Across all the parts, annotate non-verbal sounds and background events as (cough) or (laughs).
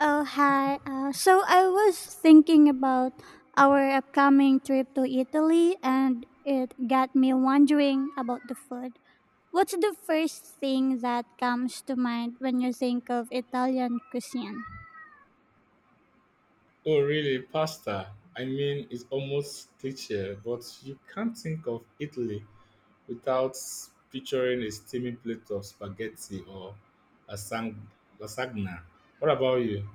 Oh, hi. So I was thinking about our upcoming trip to Italy and it got me wondering about the food. What's the first thing that comes to mind when you think of Italian cuisine? Oh, really? Pasta? I mean, it's almost cliche, but you can't think of Italy without picturing a steaming plate of spaghetti or lasan- lasagna. What about you?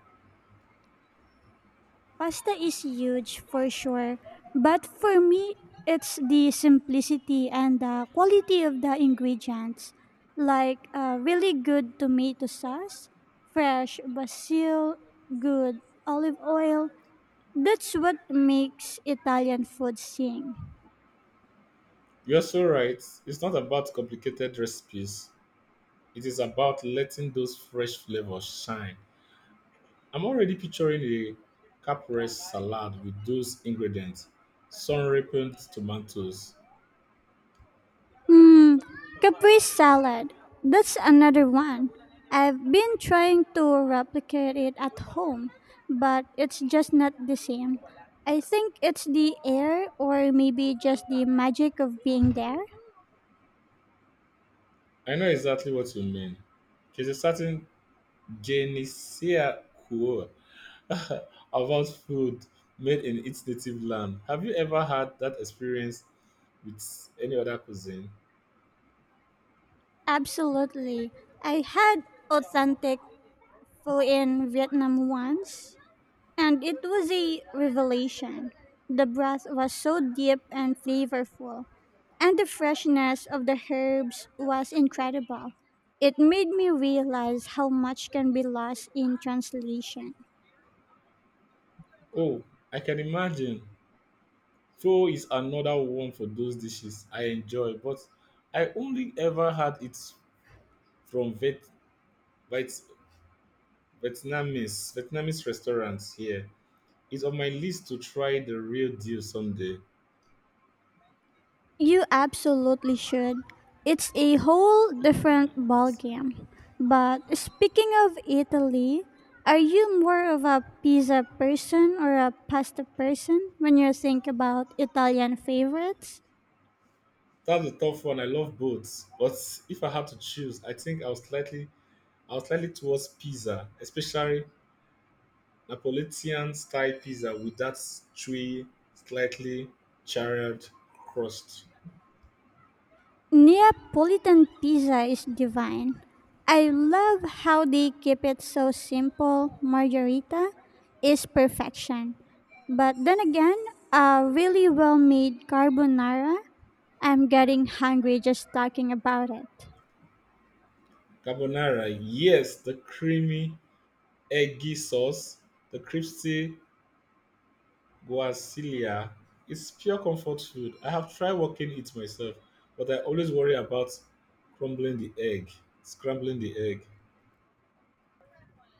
Pasta is huge for sure, but for me, it's the simplicity and the quality of the ingredients, like really good tomato sauce, fresh basil, good olive oil, that's what makes Italian food sing. You're so right. It's not about complicated recipes, it is about letting those fresh flavors shine. I'm already picturing a caprese salad with those ingredients, sun ripened tomatoes. Hmm, Capri salad. That's another one. I've been trying to replicate it at home, but it's just not the same. I think it's the air or maybe just the magic of being there. I know exactly what you mean. There's a certain Janissia Hour (laughs) about food made in its native land. Have you ever had that experience with any other cuisine? Absolutely. I had authentic pho in Vietnam once, and it was a revelation. The broth was so deep and flavorful, and the freshness of the herbs was incredible. It made me realize how much can be lost in translation. Oh, I can imagine. Pho is another one for those dishes I enjoy, but I only ever had it from Viet, Vietnamese restaurants here. It's on my list to try the real deal someday. You absolutely should. It's a whole different Vietnamese, yeah. ballgame. But speaking of Italy, are you more of a pizza person or a pasta person when you think about Italian favorites? That's a tough one. I love both, but if I had to choose, I was slightly towards pizza, especially Napolitan style pizza with that chewy, slightly charred crust. Neapolitan pizza is divine. I love how they keep it so simple. Margherita is perfection. But then again, a really well made carbonara, I'm getting hungry just talking about it. Carbonara, yes, the creamy, eggy sauce, the crispy guacilia. It's pure comfort food. I have tried working it myself, but I always worry about crumbling the egg, scrambling the egg.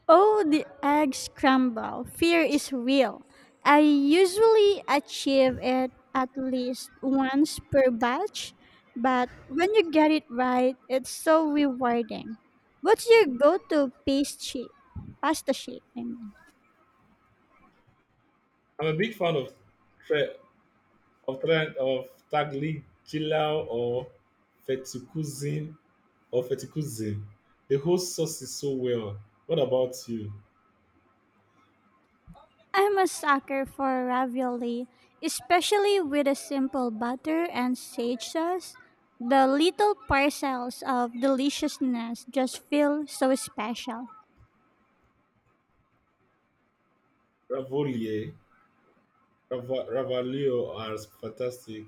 Oh, the egg scramble fear is real. I usually achieve it at least once per batch, but when you get it right, it's so rewarding. What's your go-to pastry? Pasta shape, I mean. I'm a big fan of tre. Tagliagila or fettuccine fettuccine. The whole sauce is so well. What about you? I'm a sucker for ravioli, especially with a simple butter and sage sauce. The little parcels of deliciousness just feel so special. Ravolier, Ravalio are fantastic.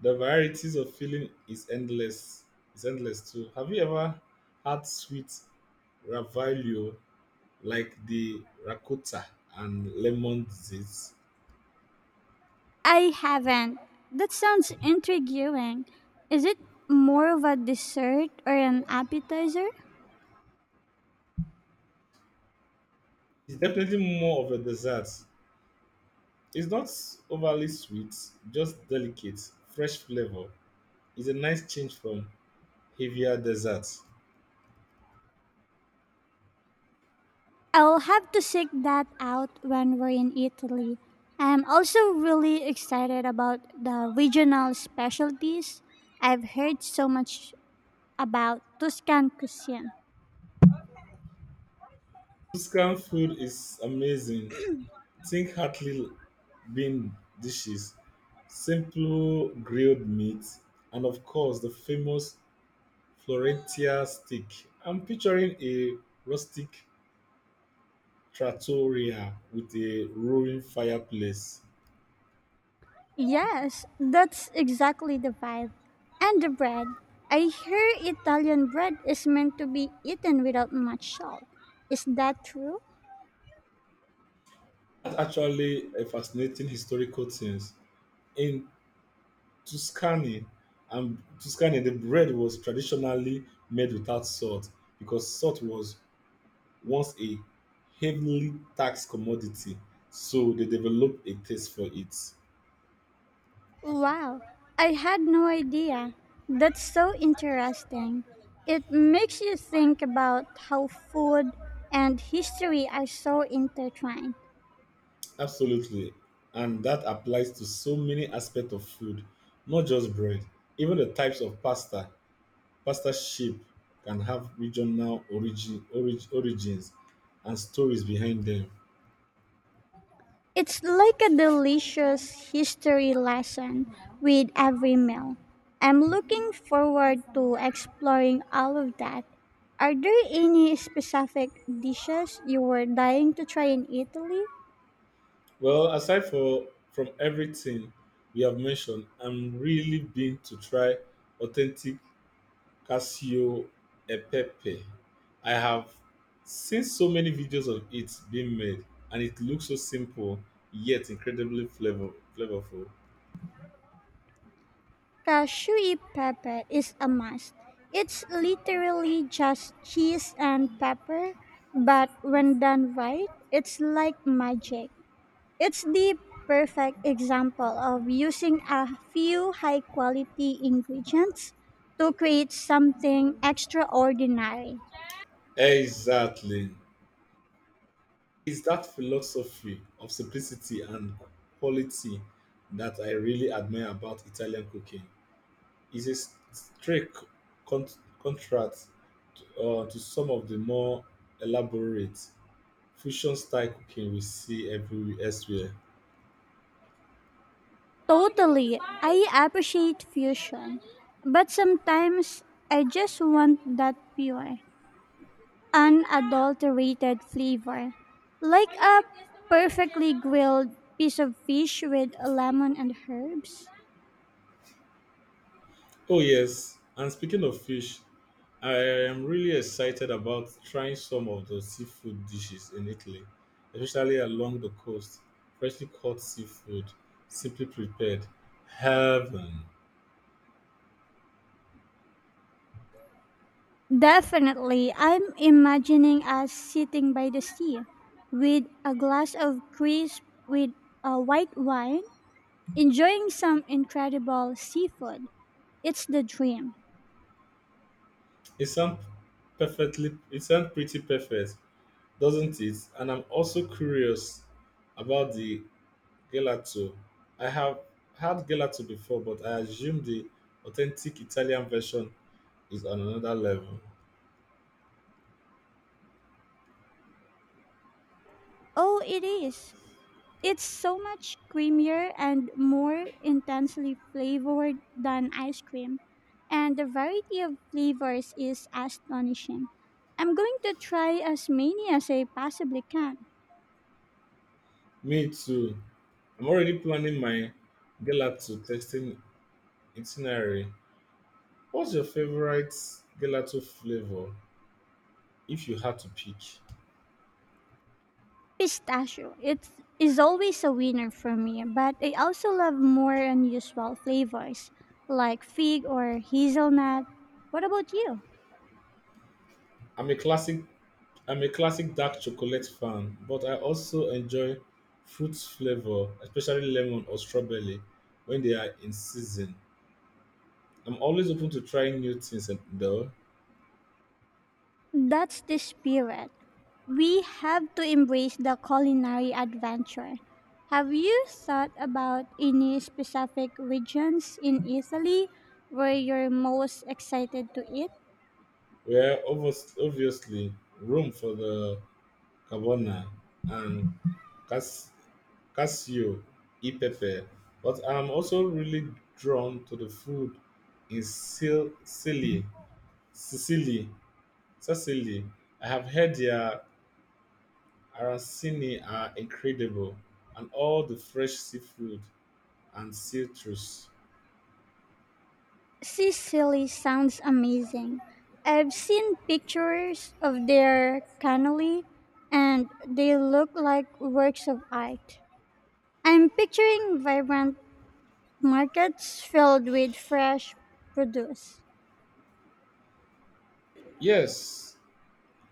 The varieties of filling is endless. It's endless too. Have you ever had sweet Ravalio like the Rakota and lemon zest? I haven't. That sounds intriguing. Is it more of a dessert or an appetizer? It's definitely more of a dessert. It's not overly sweet, just delicate, fresh flavor. It's a nice change from heavier desserts. I'll have to seek that out when we're in Italy. I'm also really excited about the regional specialties. I've heard so much about Tuscan cuisine. Tuscan food is amazing. Think heartily bean dishes, simple grilled meat, and of course the famous Florentia steak. I'm picturing a rustic trattoria with a roaring fireplace. Yes, that's exactly the vibe. And the bread. I hear Italian bread is meant to be eaten without much salt. Is that true? That's actually a fascinating historical thing. In Tuscany Tuscany, the bread was traditionally made without salt because salt was once a heavily taxed commodity. So they developed a taste for it. Wow, I had no idea. That's so interesting. It makes you think about how food and history are so intertwined. Absolutely. And that applies to so many aspects of food, not just bread. Even the types of pasta, pasta shape can have regional origins and stories behind them. It's like a delicious history lesson with every meal. I'm looking forward to exploring all of that. Are there any specific dishes you were dying to try in Italy? Well, aside for from everything we have mentioned, I'm really been to try authentic Casio e pepe. I have seen so many videos of it being made, and it looks so simple yet incredibly flavorful. Cashew pepe is a must. It's literally just cheese and pepper, but when done right, it's like magic. It's the perfect example of using a few high quality ingredients to create something extraordinary. Exactly, it's that philosophy of simplicity and quality that I really admire about Italian cooking. It's a strict con- contrast to some of the more elaborate fusion style cooking we see everywhere elsewhere. Totally, I appreciate fusion, but sometimes I just want that pure unadulterated flavor, like a perfectly grilled piece of fish with lemon and herbs. Oh yes, and speaking of fish, I am really excited about trying some of the seafood dishes in Italy, especially along the coast. Freshly caught seafood, simply prepared. Heaven. Definitely, I'm imagining us sitting by the sea with a glass of crisp with a white wine, enjoying some incredible seafood. It's the dream. It sounds it sounds pretty perfect, doesn't it? And I'm also curious about the gelato. I have had gelato before, but I assume the authentic Italian version is on another level. Oh, it is. It's so much creamier and more intensely flavored than ice cream, and the variety of flavors is astonishing. I'm going to try as many as I possibly can. Me too. I'm already planning my gelato tasting itinerary. What's your favorite gelato flavor if you had to pick? Pistachio, it is always a winner for me, but I also love more unusual flavors like fig or hazelnut. What about you? I'm a classic I'm a classic dark chocolate fan, but I also enjoy fruit flavor, especially lemon or strawberry when they are in season. I'm always open to trying new things, and though, That's the spirit. We have to embrace the culinary adventure. Have you thought about any specific regions in Italy where you're most excited to eat? Obviously room for the carbona and cas- cashew e pepper, but I'm also really drawn to the food in Sicily. Sicily, Sicily. I have heard their arancini are incredible, and all the fresh seafood and citrus. Sicily sounds amazing. I've seen pictures of their cannoli and they look like works of art. I'm picturing vibrant markets filled with fresh produce. Yes,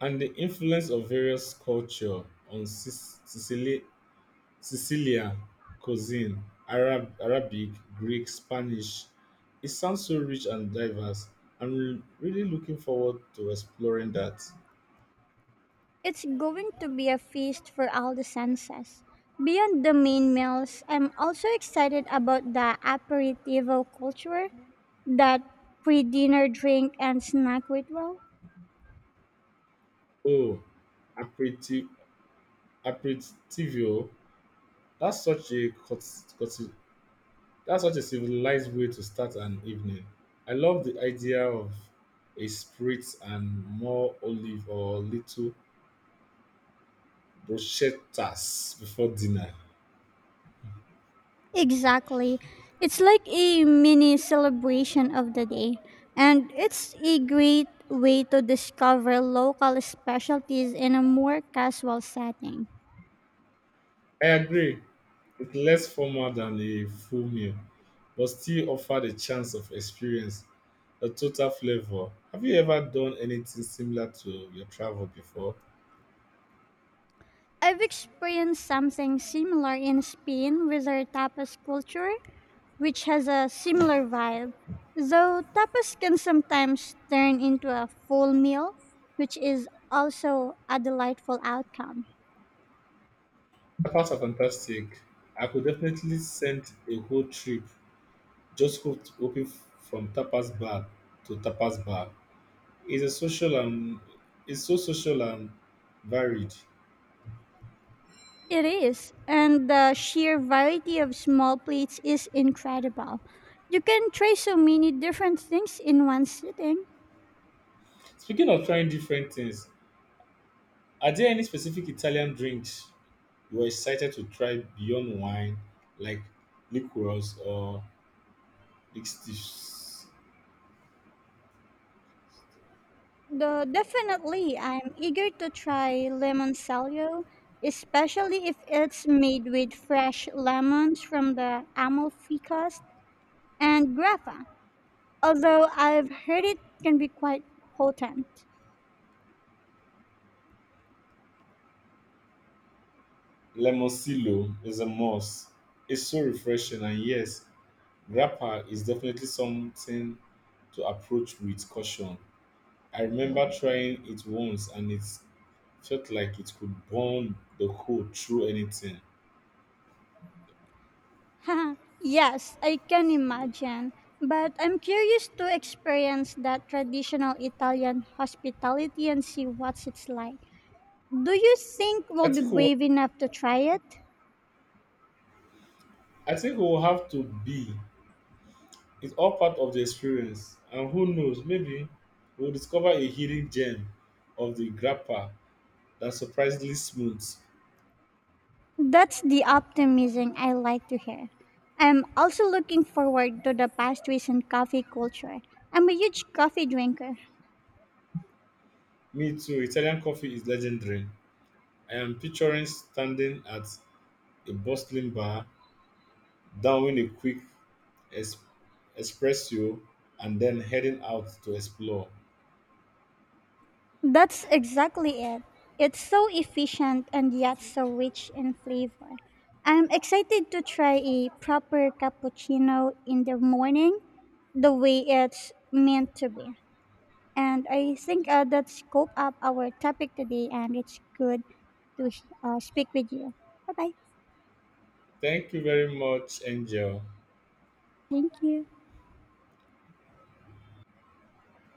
and the influence of various culture on Sicilian cuisine, Arabic, Greek, Spanish. It sounds so rich and diverse. Really looking forward to exploring that. It's going to be a feast for all the senses. Beyond the main meals, I'm also excited about the aperitivo culture, that pre dinner drink and snack ritual. Oh, aperiti- aperitivo. That's such a cult- cult- that's such a civilized way to start an evening. I love the idea of a spritz and more olive or little bruschettas before dinner. Exactly. It's like a mini celebration of the day, and it's a great way to discover local specialties in a more casual setting. I agree. It's less formal than a full meal, but still offer the chance of experience a total flavor. Have you ever done anything similar to your travel before? I've experienced something similar in Spain with our tapas culture which has a similar vibe, though tapas can sometimes turn into a full meal, which is also a delightful outcome. Tapas are fantastic. I could definitely send a whole trip just hoping from tapas bar to tapas bar. It's a social and it's so social and varied. It is, and the sheer variety of small plates is incredible. You can try so many different things in one sitting. Speaking of trying different things, are there any specific Italian drinks you were excited to try beyond wine, like liqueurs or distichs? The, definitely, I'm eager to try lemon salio, especially if it's made with fresh lemons from the Amalfi Coast and Grappa, although I've heard it can be quite potent. Lemosilo is a must. It's so refreshing, and yes, grappa is definitely something to approach with caution. I remember trying it once, and it felt like it could burn the hole through anything. (laughs) Haha, yes, I can imagine. But I'm curious to experience that traditional Italian hospitality and see what it's like. Do you think we'll I be think we'll, brave enough to try it? I think we'll have to be. It's all part of the experience, and who knows, maybe we'll discover a hidden gem of the grappa that's surprisingly smooth. That's the optimism I like to hear. I'm also looking forward to the pastries and coffee culture. I'm a huge coffee drinker. Me too, Italian coffee is legendary. I am picturing standing at a bustling bar, downwind a quick es- espresso, and then heading out to explore. That's exactly it. It's so efficient and yet so rich in flavor. I'm excited to try a proper cappuccino in the morning, the way it's meant to be. And I think that's scope up our topic today, and it's good to speak with you. Bye bye. Thank you very much, Angel. Thank you.